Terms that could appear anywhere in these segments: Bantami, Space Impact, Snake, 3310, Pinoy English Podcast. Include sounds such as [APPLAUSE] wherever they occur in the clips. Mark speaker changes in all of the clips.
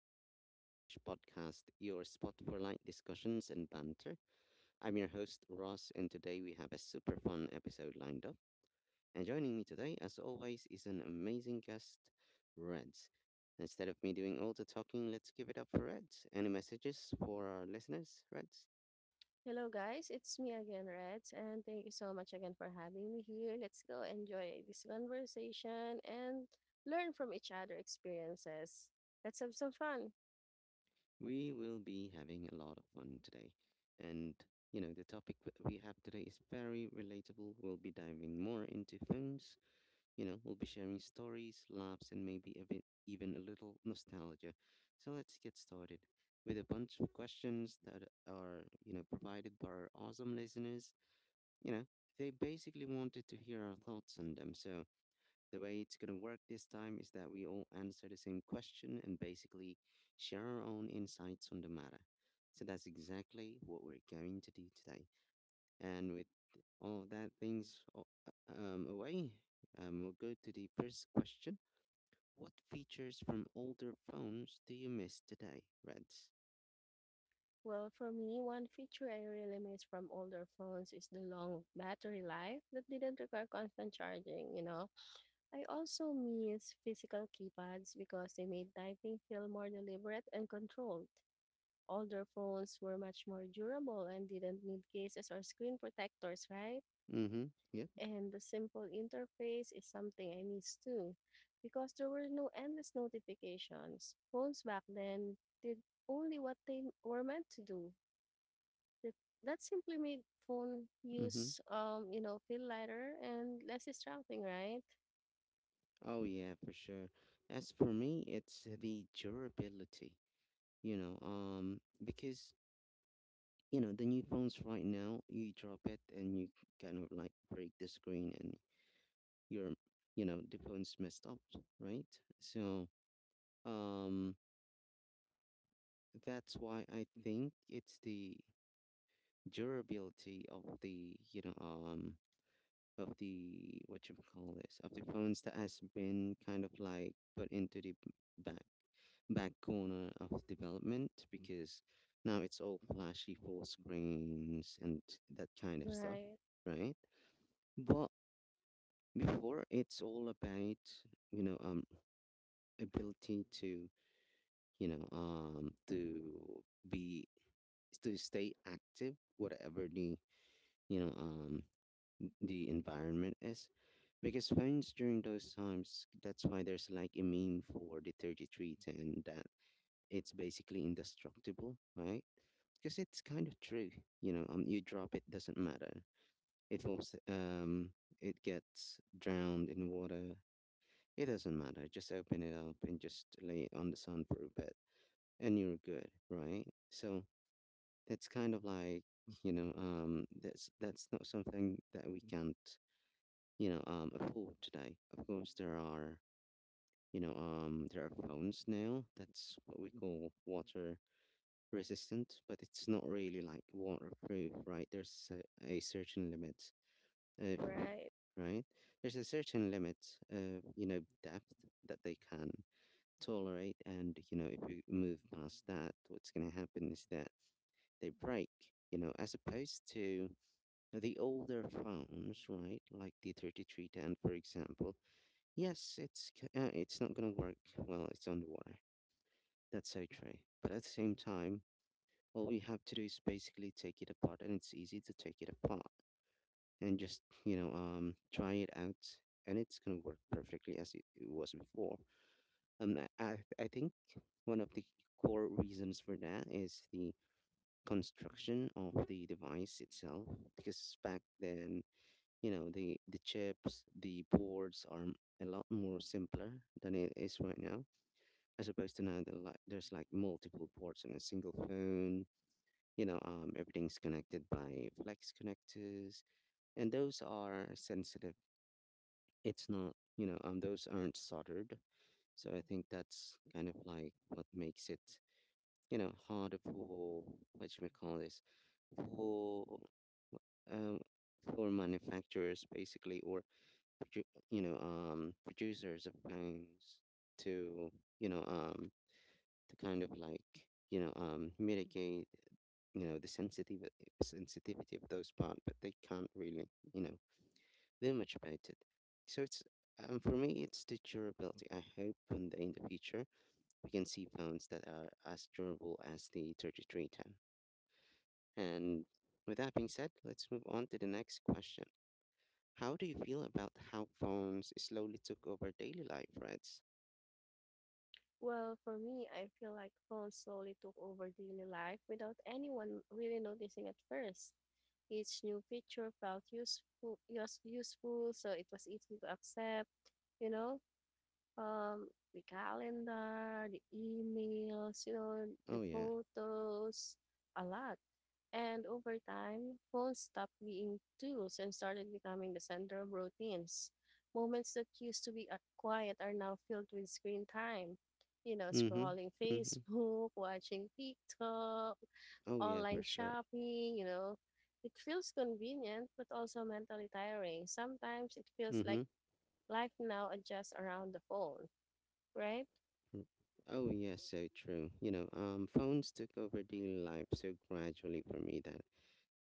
Speaker 1: the Pinoy English Podcast, your spot for light discussions and banter. I'm your host, Ross, and today we have a super fun episode lined up. And joining me today, as always, is an amazing guest, Reds. Instead of me doing all the talking, let's give it up for Reds. Any messages for our listeners, Reds?
Speaker 2: Hello, guys. It's me again, Reds, and thank you so much again for having me here. Let's go enjoy this conversation and learn from each other experiences. Let's have some fun.
Speaker 1: We will be having a lot of fun today. And, the topic that we have today is very relatable. We'll be diving more into phones. We'll be sharing stories, laughs, and maybe even a little nostalgia. So let's get started with a bunch of questions that are, provided by our awesome listeners. You know, they basically wanted to hear our thoughts on them. So the way it's going to work this time is that we all answer the same question and basically share our own insights on the matter. So that's exactly what we're going to do today. And with all that things away, we'll go to the first question. What features from older phones do you miss today, Reds?
Speaker 2: Well, for me, one feature I really miss from older phones is the long battery life that didn't require constant charging, you know. I also miss physical keypads because they made typing feel more deliberate and controlled. Older phones were much more durable and didn't need cases or screen protectors, right?
Speaker 1: Mm-hmm. Yep.
Speaker 2: And the simple interface is something I miss too, because there were no endless notifications. Phones back then did only what they were meant to do. That, that simply made phone
Speaker 1: Mm-hmm.
Speaker 2: use, you know, feel lighter and less distracting, right?
Speaker 1: Oh yeah, for sure. As for me, it's the durability. Because the new phones right now, you drop it and you kind of like break the screen and your, the phone's messed up, right? So, um, that's why I think it's the durability of the what you call this, of the phones that has been kind of like put into the back back corner of development, because now it's all flashy full screens and that kind of stuff,
Speaker 2: Right,
Speaker 1: right? But before it's all about you know um ability to you know to be to stay active whatever the you know um environment is, because phones during those times, that's why there's like a meme for the 3310, that it's basically indestructible, right? Because it's kind of true. You drop it, doesn't matter. It falls, it gets drowned in water, it doesn't matter. Just open it up and just lay it on the sun for a bit, and you're good, right? So that's kind of like [LAUGHS] that's not something that we can't afford today. Of course there are phones now that's what we call water resistant, but it's not really like waterproof, right? There's a certain limit of.
Speaker 2: right.
Speaker 1: Right. There's a certain limit of depth that they can tolerate. And if you move past that, what's going to happen is that they break, as opposed to the older phones, right? Like the 3310 for example. Yes, it's it's not going to work well it's underwater. That's so true. But at the same time, all we have to do is basically take it apart, and it's easy to take it apart, and just try it out, and it's going to work perfectly as it was before. Um, I, I I think one of the core reasons for that is the construction of the device itself. Because back then, the chips, the boards are a lot more simpler than it is right now. As opposed to now, like there's like multiple ports on a single phone. Everything's connected by flex connectors, and those are sensitive. It's not, those aren't soldered. So I think that's kind of like what makes it hard for what you may call this, for um, for manufacturers basically, or producers of phones to you know, um, to kind of like mitigate the sensitive sensitivity of those parts, but they can't really you know do much about it. So it's, for me, it's the durability. I hope one day in the future we can see phones that are as durable as the 3310. And with that being said, let's move on to the next question. How do you feel about how phones slowly took over daily life, Reds?
Speaker 2: Well, for me, I feel like phones slowly took over daily life without anyone really noticing at first. Each new feature felt useful, useful, so it was easy to accept. You know, the calendar, the emails, you know, the
Speaker 1: Oh yeah.
Speaker 2: photos, a lot. And over time, phones stopped being tools and started becoming the center of routines. Moments that used to be quiet are now filled with screen time. You know,
Speaker 1: Mm-hmm.
Speaker 2: scrolling [LAUGHS]
Speaker 1: Mm-hmm.
Speaker 2: Facebook, watching TikTok,
Speaker 1: Oh yeah,
Speaker 2: online
Speaker 1: for sure.
Speaker 2: shopping, you know. It feels convenient, but also mentally tiring. Sometimes it feels like
Speaker 1: Mm-hmm.
Speaker 2: life now adjusts around the phone, right?
Speaker 1: Oh yeah, so true. Phones took over daily life so gradually for me that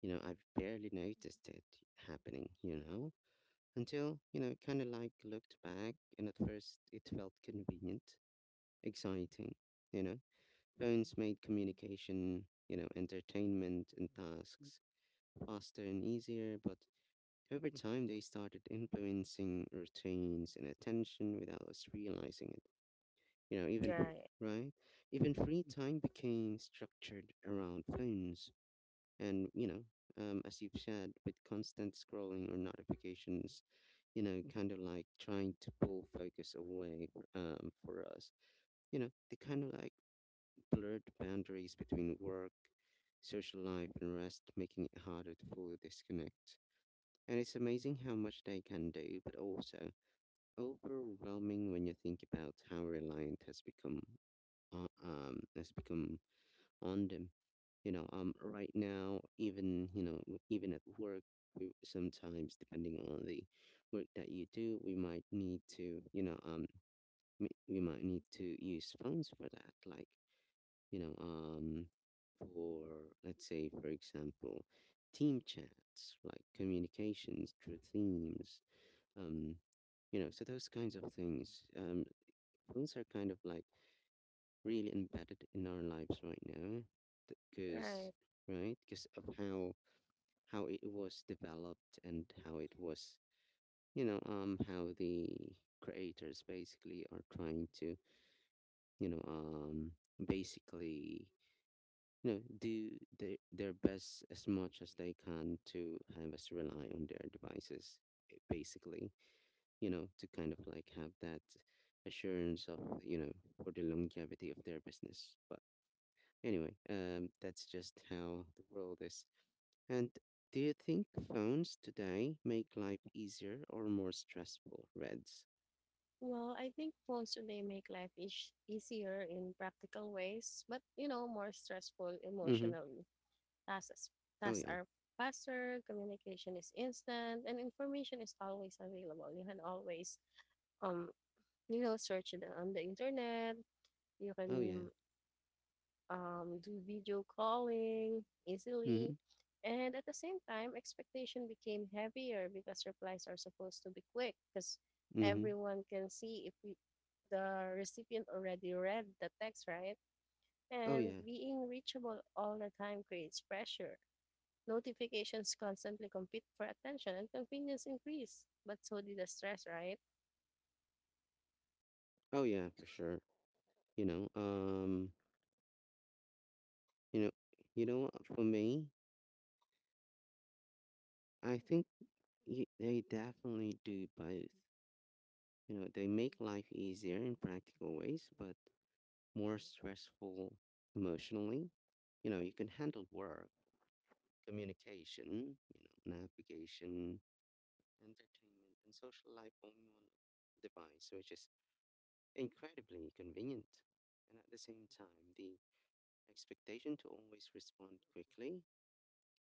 Speaker 1: I've barely noticed it happening. Until kind of like looked back, and at first it felt convenient, exciting. You know, Phones made communication, entertainment, and tasks faster and easier, but over time they started influencing routines and attention without us realizing it. You know, even fr-
Speaker 2: Right,
Speaker 1: right, even free time became structured around phones, and as you've said, with constant scrolling or notifications, kind of like trying to pull focus away, for us. They kind of like blurred boundaries between work, social life, and rest, making it harder to fully disconnect. And it's amazing how much they can do, but also overwhelming when you think about how reliant has become has become on them. Right now, even at work, we sometimes, depending on the work that you do, we might need to, use phones for that, like you know um for, let's say for example, team chats, like communications through themes, um so those kinds of things, phones are kind of like really embedded in our lives right now, because
Speaker 2: right.
Speaker 1: right, because of how it was developed and how it was how the creators basically are trying to you know um basically do their best as much as they can to have us rely on their devices, eh, basically, to kind of like have that assurance of, for the longevity of their business. But anyway, that's just how the world is. And do you think phones today make life easier or more stressful, Reds?
Speaker 2: Well, I think phones today make life ish easier in practical ways, but you know, more stressful
Speaker 1: Mm-hmm.
Speaker 2: emotionally. Tasks,
Speaker 1: Oh,
Speaker 2: tasks
Speaker 1: yeah.
Speaker 2: are faster, communication is instant, and information is always available. You can always, um, you know, search it on the internet. You
Speaker 1: Oh, yeah.
Speaker 2: can do video calling
Speaker 1: Mm-hmm.
Speaker 2: easily. And at the same time, expectation became heavier because replies are supposed to be quick because
Speaker 1: Mm-hmm.
Speaker 2: everyone can see if we, the recipient already read the text, right?
Speaker 1: Oh,
Speaker 2: And
Speaker 1: yeah.
Speaker 2: being reachable all the time creates pressure. Notifications constantly compete for attention and convenience increased, but so did the stress, right?
Speaker 1: Oh, yeah, for sure. You know, um, You know, you know what? For me, I think y they definitely do both. They make life easier in practical ways, but more stressful emotionally. You can handle work, communication, navigation, entertainment, and social life only on one device, which is incredibly convenient. And at the same time, the expectation to always respond quickly,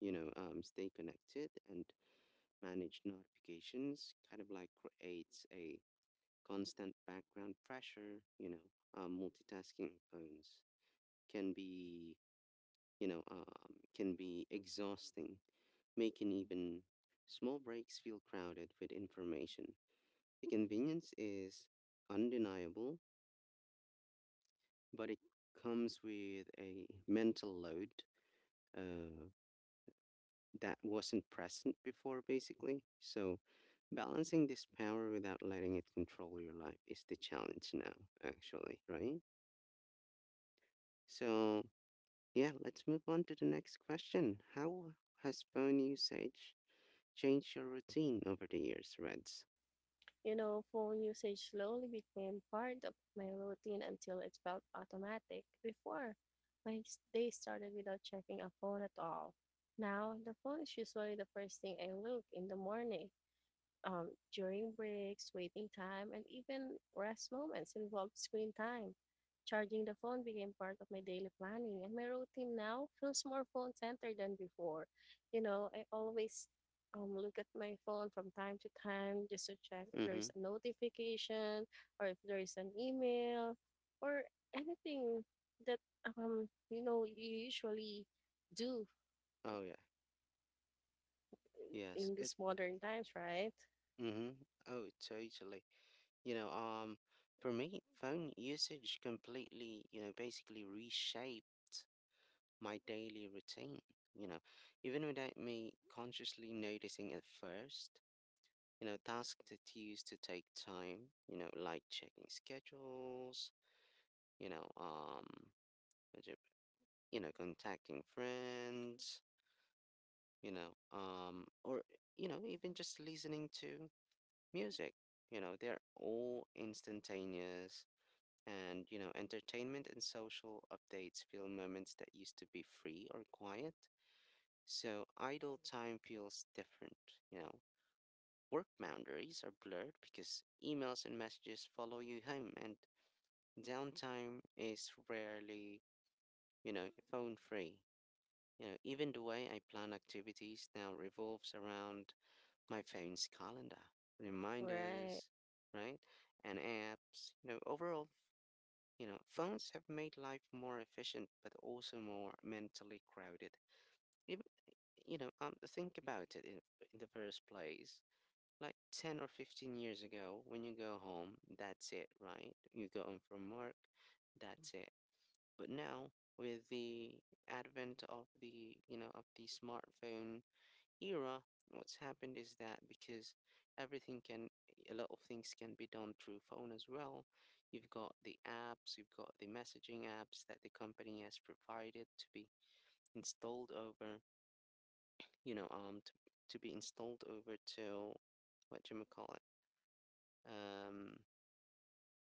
Speaker 1: stay connected and manage notifications kind of like creates a constant background pressure. Multitasking phones can be can be exhausting, making even small breaks feel crowded with information. The convenience is undeniable, but it comes with a mental load uh, that wasn't present before, basically. So, balancing this power without letting it control your life is the challenge now, actually, right? So yeah, let's move on to the next question. How has phone usage changed your routine over the years, Reds?
Speaker 2: You know, phone usage slowly became part of my routine until it felt automatic. Before, day started without checking a phone at all. Now, the phone is usually the first thing I look in the morning during breaks, waiting time, and even rest moments involved screen time. Charging the phone became part of my daily planning, and my routine now feels more phone centered than before. You know, I always look at my phone from time to time just to check if there
Speaker 1: Mm-hmm.
Speaker 2: is a notification or if there is an email or anything that you know you usually do
Speaker 1: Oh, yeah. Yes.
Speaker 2: in these modern times, right?
Speaker 1: Mm-hmm. Oh, totally. You know, um, for me, phone usage completely, basically reshaped my daily routine, you know, even without me consciously noticing at first. Tasks that used to take time, like checking schedules, you know, what do you you know, contacting friends, or, even just listening to music. They're all instantaneous. And, entertainment and social updates fill moments that used to be free or quiet. So idle time feels different, you know. Work boundaries are blurred because emails and messages follow you home, and downtime is rarely, phone free. Even the way I plan activities now revolves around my phone's calendar,
Speaker 2: Right,
Speaker 1: reminders, right? And apps. Overall, phones have made life more efficient but also more mentally crowded. Even, think about it in, the first place like 10 or 15 years ago, when you go home, that's it, right? You go home from work, that's it. But now, with the advent of the, of the smartphone era, what's happened is that because everything can, a lot of things can be done through phone as well. You've got the apps, you've got the messaging apps that the company has provided to be installed over, you know, um, to, to be installed over to what you call, um,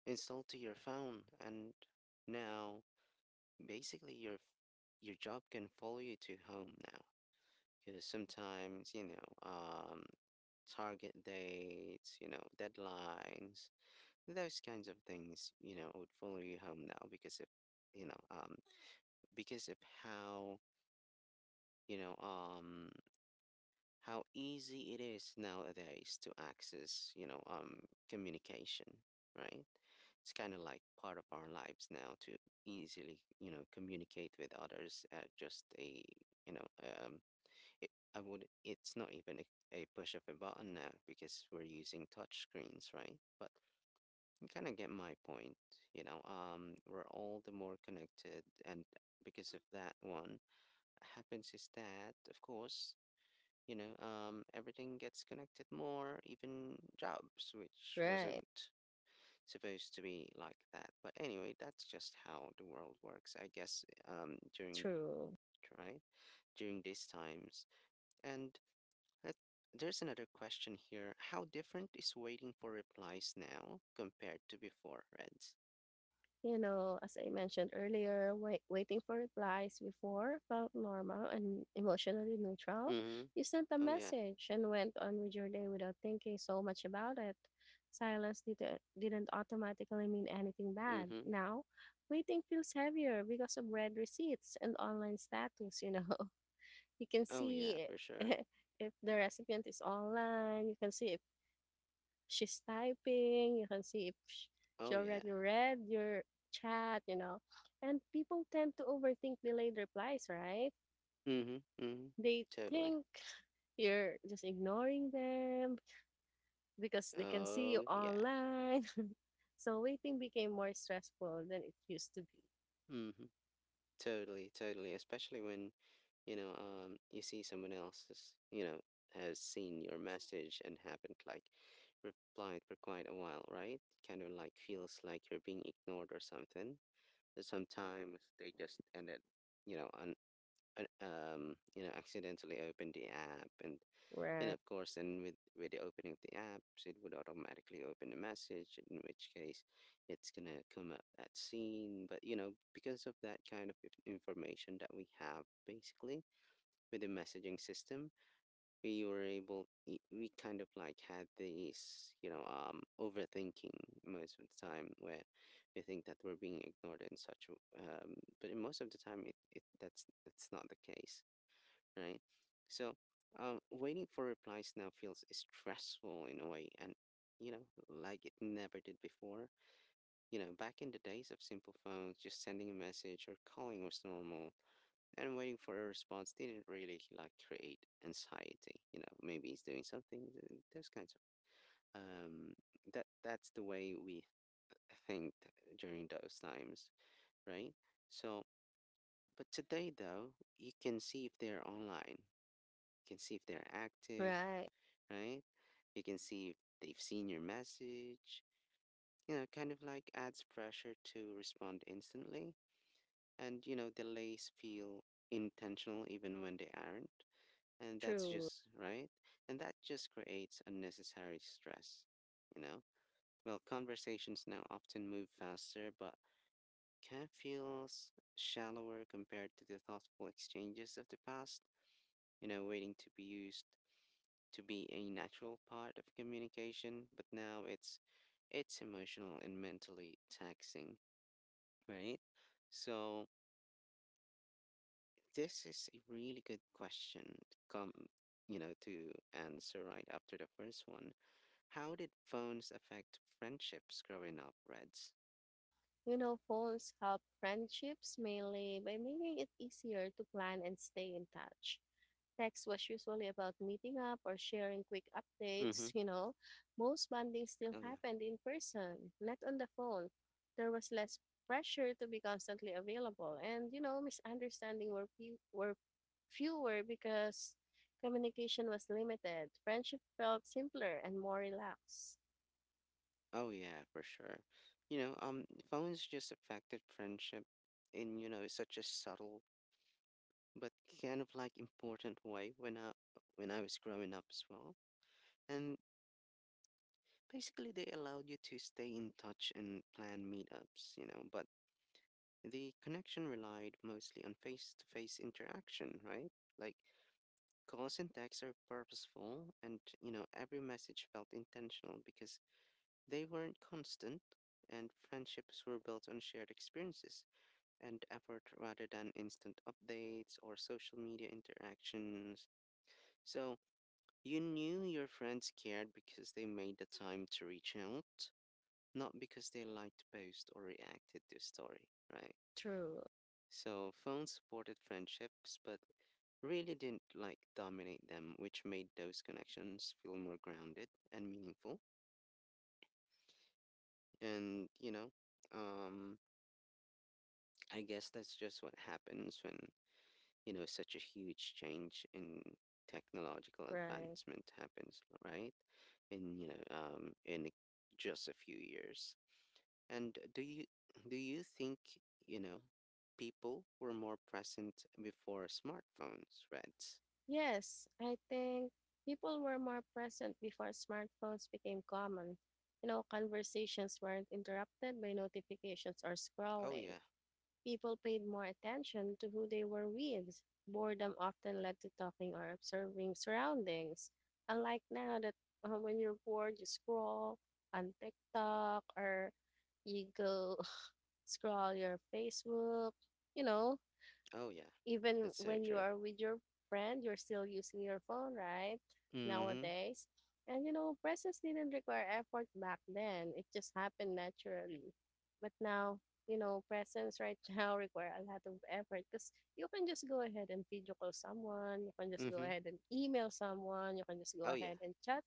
Speaker 1: installed to your phone, and now basically your job can follow you to home now. Because sometimes target dates, deadlines, those kinds of things, would follow you home now because of you know um, because of how you know um, easy it is nowadays to access, communication, right? It's kind of like part of our lives now to easily, communicate with others at just a, you know, um, it's not even a, push of a button now because we're using touch screens, right? But you kind of get my point, we're all the more connected, and because of that one happens is that, of course, everything gets connected more, even jobs, which wasn't
Speaker 2: right.
Speaker 1: supposed to be like that. But anyway, that's just how the world works, I guess, during
Speaker 2: True.
Speaker 1: right during these times. And uh, there's another question here. How different is waiting for replies now compared to before, Reds?
Speaker 2: You know, as I mentioned earlier, waiting for replies before felt normal and emotionally neutral.
Speaker 1: Mm-hmm.
Speaker 2: You sent a
Speaker 1: Oh yeah.
Speaker 2: message and went on with your day without thinking so much about it. Silence didn't automatically mean anything bad.
Speaker 1: Mm-hmm.
Speaker 2: Now, waiting feels heavier because of red receipts and online status, you know. [LAUGHS] You can
Speaker 1: Oh yeah,
Speaker 2: see
Speaker 1: for sure.
Speaker 2: [LAUGHS] if the recipient is online, you can see if she's typing, you can see if
Speaker 1: Oh
Speaker 2: she
Speaker 1: yeah.
Speaker 2: already read your chat, you know. And people tend to overthink delayed replies, right?
Speaker 1: Mm-hmm. Mm-hmm.
Speaker 2: They
Speaker 1: Totally.
Speaker 2: think you're just ignoring them because they can see you
Speaker 1: Oh yeah.
Speaker 2: online. [LAUGHS] So waiting became more stressful than it used to be.
Speaker 1: Mm-hmm. Totally, totally. Especially when, you see someone else has, has seen your message and haven't like replied for quite a while, right? Kind of like feels like you're being ignored or something. But sometimes they just ended, on, accidentally opened the app. And
Speaker 2: Right.
Speaker 1: of course, then with, the opening of the apps, it would automatically open a message, in which case it's going to come up that scene. But, because of that kind of information that we have basically with the messaging system, we were able, we kind of like had these, overthinking most of the time where we think that we're being ignored and such. Um, but in most of the time, it that's not the case, right? So, waiting for replies now feels stressful in a way, and like it never did before. Back in the days of simple phones, just sending a message or calling was normal, and waiting for a response didn't really like create anxiety. You know, maybe he's doing something. Those kinds of That's the way we think during those times, right? So, but today though, you can see if they're online, you can see if they're active,
Speaker 2: Right.
Speaker 1: right? You can see if they've seen your message. You know, kind of like adds pressure to respond instantly. And, delays feel intentional even when they aren't. And that's
Speaker 2: True.
Speaker 1: just, right? And that just creates unnecessary stress, you know? Well, conversations now often move faster, but can feel shallower compared to the thoughtful exchanges of the past. Waiting to be used to be a natural part of communication, but now it's emotional and mentally taxing, right? So this is a really good question to come, to answer right after the first one. How did phones affect friendships growing up, Reds?
Speaker 2: You know, phones help friendships mainly by making it easier to plan and stay in touch. Text was usually about meeting up or sharing quick
Speaker 1: Mm-hmm.
Speaker 2: updates, you know. Most bonding
Speaker 1: Oh
Speaker 2: still
Speaker 1: yeah.
Speaker 2: happened in person, not on the phone. There was less pressure to be constantly available, and you know, were fewer because communication was limited. Friendship felt simpler and more relaxed.
Speaker 1: Oh yeah, for sure. You know, um, Phones just affected friendship in, such a subtle but kind of like important way when I was growing up as well. And basically, they allowed you to stay in touch and plan meetups. But the connection relied mostly on face-to-face interaction, right? Like calls and texts are purposeful, and every message felt intentional because they weren't constant. And friendships were built on shared experiences and effort rather than instant updates or social media interactions. So, you knew your friends cared because they made the time to reach out, not because they liked the post or reacted to a story, right?
Speaker 2: True,
Speaker 1: So phones supported friendships, but really didn't like dominate them, which made those connections feel more grounded and meaningful. And um, I guess that's just what happens when such a huge change in technological
Speaker 2: right.
Speaker 1: advancement happens, right? In in just a few years. And Do you think, you know, people were more present before smartphones, Reds?
Speaker 2: Yes, I think people were more present before smartphones became common. You know, conversations weren't interrupted by notifications or
Speaker 1: Oh yeah.
Speaker 2: scrolling. People paid more attention to who they were with. Boredom often led to talking or observing surroundings. Unlike now that when you're bored, you scroll on TikTok or you go [LAUGHS] scroll your Facebook, you know,
Speaker 1: Oh yeah. That's
Speaker 2: even
Speaker 1: so
Speaker 2: when
Speaker 1: true.
Speaker 2: you are with your friend, you're still using your phone, right?
Speaker 1: Mhm.
Speaker 2: Nowadays. And you know, presence didn't require effort back then. It just happened naturally. But now, you know, presence right [LAUGHS] now require a lot of effort because you can just go ahead and video call someone, you can just go
Speaker 1: Mhm.
Speaker 2: ahead and email someone, you can just
Speaker 1: Oh
Speaker 2: go
Speaker 1: yeah.
Speaker 2: ahead and chat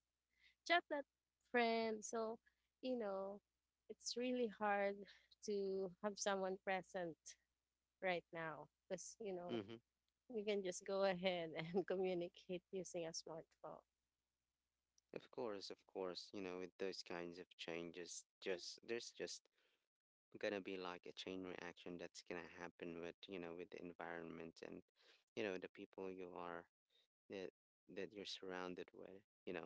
Speaker 2: that friend. So, you know, it's really hard to have someone present right now because you know
Speaker 1: Mhm.
Speaker 2: you can just go ahead and [LAUGHS] communicate using a smartphone.
Speaker 1: Of course, with those kinds of changes, just there's just gonna be like a chain reaction that's gonna happen with, with the environment and, the people you are that that you're surrounded with.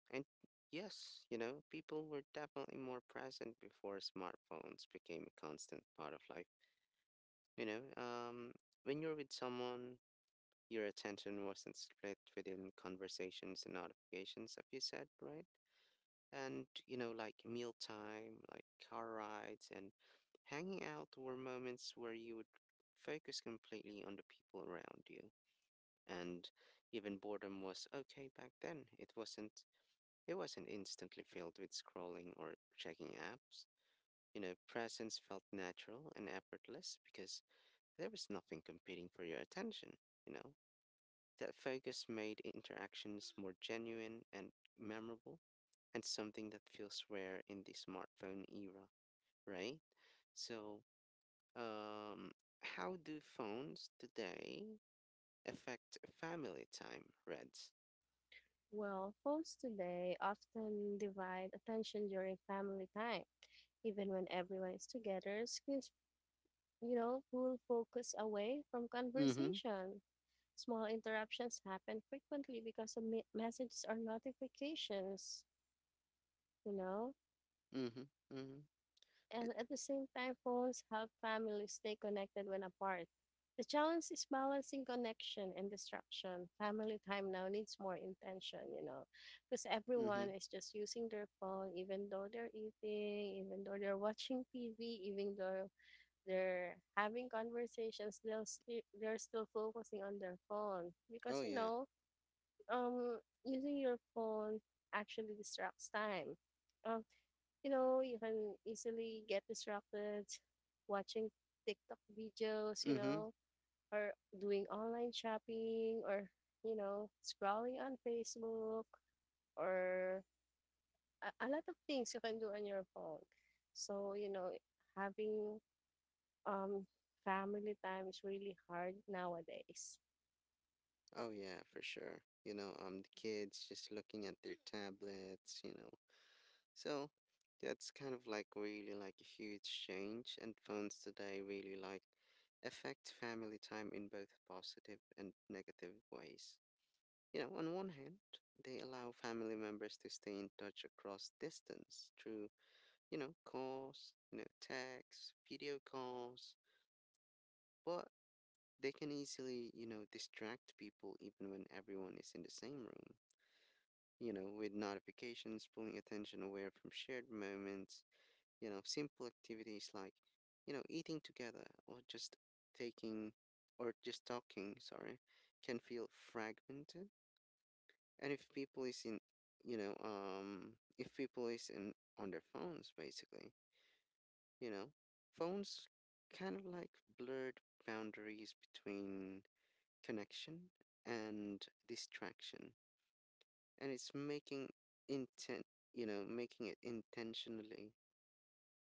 Speaker 1: And yes, people were definitely more present before smartphones became a constant part of life. You know, um, when you're with someone, your attention wasn't split within conversations and notifications, have you said, right? And, like mealtime, like car rides, and hanging out were moments where you would focus completely on the people around you. And even boredom was okay back then. It wasn't instantly filled with scrolling or checking apps. Presence felt natural and effortless because there was nothing competing for your attention, you know? That focus made interactions more genuine and memorable, and something that feels rare in the smartphone era, right? So, um, how do phones today affect family time, Reds?
Speaker 2: Well, phones today often divide attention during family time. Even when everyone is together, screens, you know, pull focus away from
Speaker 1: Mm-hmm.
Speaker 2: conversation. Small interruptions happen frequently because of messages or notifications, you know.
Speaker 1: Mm-hmm. Mm-hmm.
Speaker 2: And at the same time, phones help families stay connected when apart. The challenge is balancing connection and distraction. Family time now needs more intention, you know, because
Speaker 1: Mm-hmm.
Speaker 2: everyone is just using their phone, even though they're eating, even though they're watching TV, even though they're having conversations, they're still focusing on their phone
Speaker 1: Oh
Speaker 2: because you
Speaker 1: yeah.
Speaker 2: know, um, using your phone actually distracts time uh, you know, you can easily get distracted watching TikTok videos, you
Speaker 1: Mm-hmm.
Speaker 2: know, or doing online shopping or, you know, scrolling on Facebook or a lot of things you can do on your phone. So, you know, having um family time is really hard nowadays.
Speaker 1: Oh yeah, for sure. The kids just looking at their tablets. So that's kind of like really like a huge change, and phones today really like affect family time in both positive and negative ways. On one hand, they allow family members to stay in touch across distance through, calls, texts, video calls, but they can easily, distract people even when everyone is in the same room, with notifications pulling attention away from shared moments. Simple activities like, eating together or just taking or just talking, sorry, can feel fragmented. And if people is in, if people is in on their phones, basically, you know, phones kind of like blurred boundaries between connection and distraction, and it's making intent, making it intentionally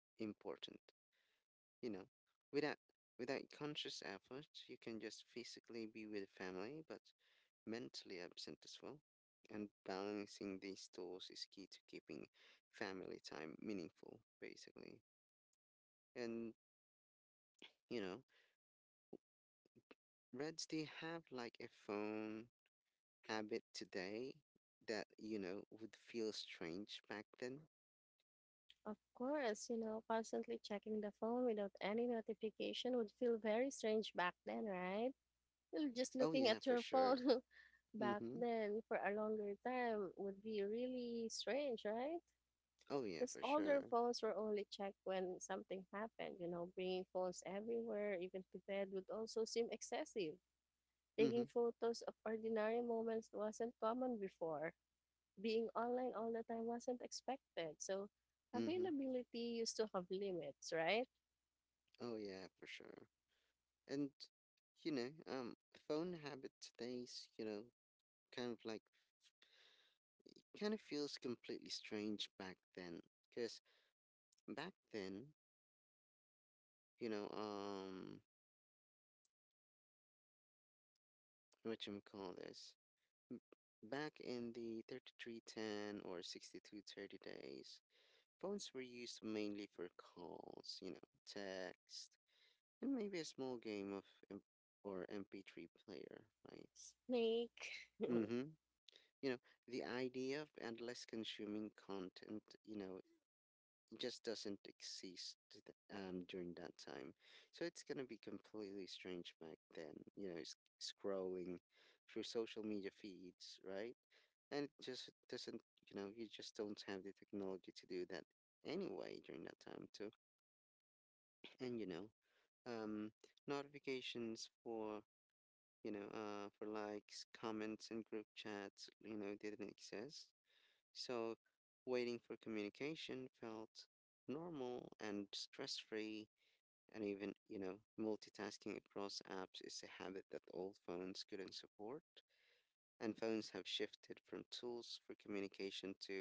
Speaker 1: important, you know without without conscious effort. You can just physically be with family but mentally absent as well, and balancing these tools is key to keeping family time meaningful, basically. And you know Reds, do you have like a phone habit today that would feel strange back then?
Speaker 2: Of course, you know, constantly checking the phone without any notification would feel very strange back then, right? [LAUGHS] You're just
Speaker 1: Oh yeah,
Speaker 2: looking
Speaker 1: for
Speaker 2: at your
Speaker 1: sure.
Speaker 2: phone [LAUGHS] back
Speaker 1: Hmm.
Speaker 2: then for a longer time would be really strange, right?
Speaker 1: Oh yeah, for
Speaker 2: Because
Speaker 1: sure.
Speaker 2: older phones were only checked when something happened. You know, bringing phones everywhere, even to bed, would also seem excessive.
Speaker 1: Mhm.
Speaker 2: Taking photos of ordinary moments wasn't common before. Being online all the time wasn't expected. So,
Speaker 1: Mhm.
Speaker 2: availability used to have limits, right?
Speaker 1: Oh yeah, for sure. And you know, um, phone habit today's kind of like kind of feels completely strange back then, because back then, you know, um, what you call this, m- back in the 3310 or 6230 days, phones were used mainly for calls, text, and maybe a small game of M- or MP3 player, right?
Speaker 2: Snake.
Speaker 1: Mm-hmm.
Speaker 2: [LAUGHS]
Speaker 1: you know the idea of endless consuming content just doesn't exist, during that time. So it's going to be completely strange back then, you know. Scrolling through social media feeds, right? And it just doesn't, you just don't have the technology to do that anyway during that time too. And um notifications for, for likes, comments, and group chats, didn't exist. So waiting for communication felt normal and stress free, and even, multitasking across apps is a habit that old phones couldn't support. And phones have shifted from tools for communication to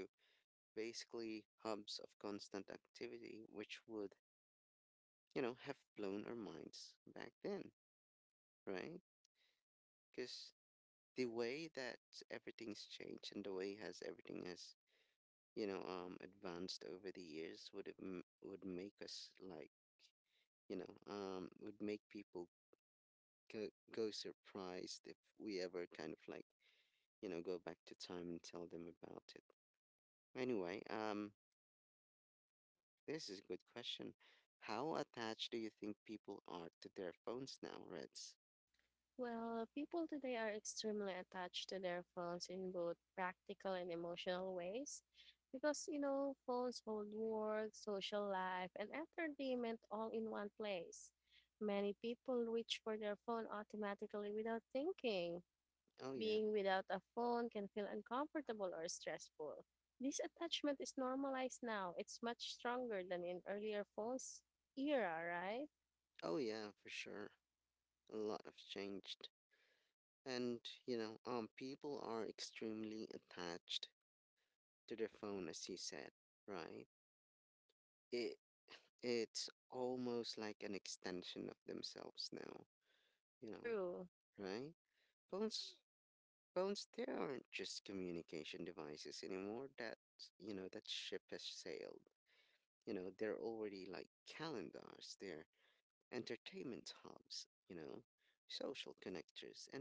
Speaker 1: basically hubs of constant activity, which would, have blown our minds back then, right? Because the way that everything's changed and the way has everything has advanced over the years would would make us like, would make people go, go surprised if we ever kind of like go back to time and tell them about it. Anyway, this is a good question. How attached do you think people are to their phones now, Reds?
Speaker 2: Well, people today are extremely attached to their phones in both practical and emotional ways because, you know, phones hold work, social life, and entertainment all in one place. Many people reach for their phone automatically without thinking.
Speaker 1: Oh yeah.
Speaker 2: Being without a phone can feel uncomfortable or stressful. This attachment is normalized now. It's much stronger than in earlier phones era, right?
Speaker 1: Oh yeah, for sure. A lot have changed. And people are extremely attached to their phone, as you said, right? it, It's almost like an extension of themselves now, you know,
Speaker 2: True.
Speaker 1: right? Phones phones, they aren't just communication devices anymore. That, that ship has sailed. They're already like calendars, they're entertainment hubs, social connectors, and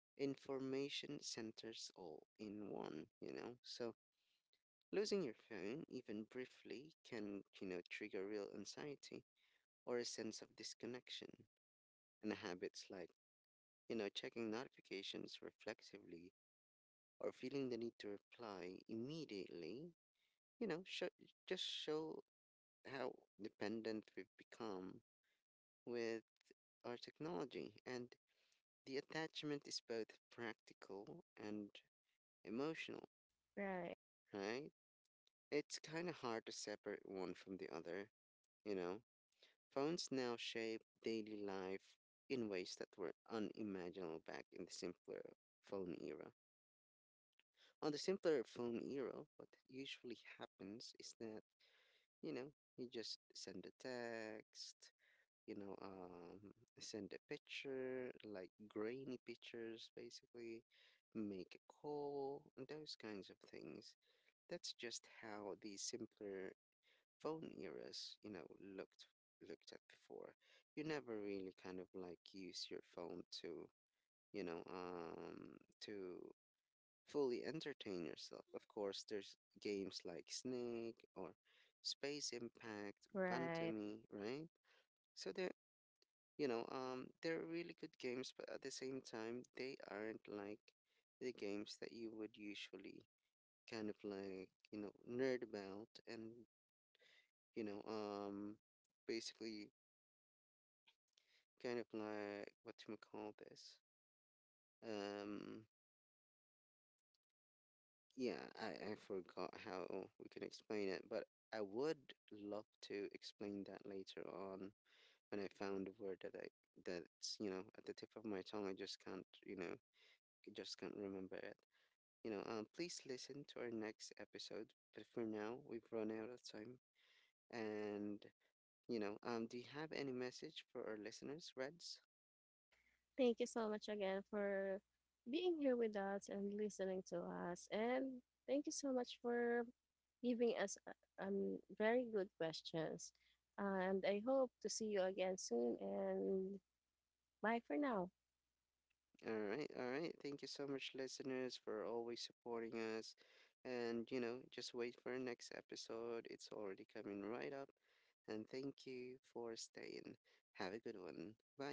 Speaker 1: information centers all in one, you know. So losing your phone even briefly can, trigger real anxiety or a sense of disconnection, and habits like, checking notifications reflexively or feeling the need to reply immediately, you know, show, just show how dependent we've become with our technology. And the attachment is both practical and emotional,
Speaker 2: Right.
Speaker 1: right? It's kind of hard to separate one from the other, you know? Phones now shape daily life in ways that were unimaginable back in the simpler phone era. On the simpler phone era, what usually happens is that, you know, you just send a text, you know, um, send a picture, like grainy pictures, basically, make a call, and those kinds of things. That's just how the simpler phone eras, looked at before. You never really kind of like use your phone to, to fully entertain yourself. Of course, there's games like Snake or Space Impact,
Speaker 2: Right.
Speaker 1: Bantami, right? So they're, they're really good games, but at the same time they aren't like the games that you would usually kind of like nerd about, and you know um basically kind of like what do you call this, um yeah, I forgot how we can explain it, but I would love to explain that later on when I found a word that's at the tip of my tongue. I just can't remember it. Please listen to our next episode. But for now, we've run out of time. And, do you have any message for our listeners, Reds?
Speaker 2: Thank you so much again for being here with us and listening to us. And thank you so much for giving us very good questions. And I hope to see you again soon. And bye for now.
Speaker 1: All right, all right. Thank you so much, listeners, for always supporting us. And, just wait for our next episode. It's already coming right up. And thank you for staying. Have a good one. Bye.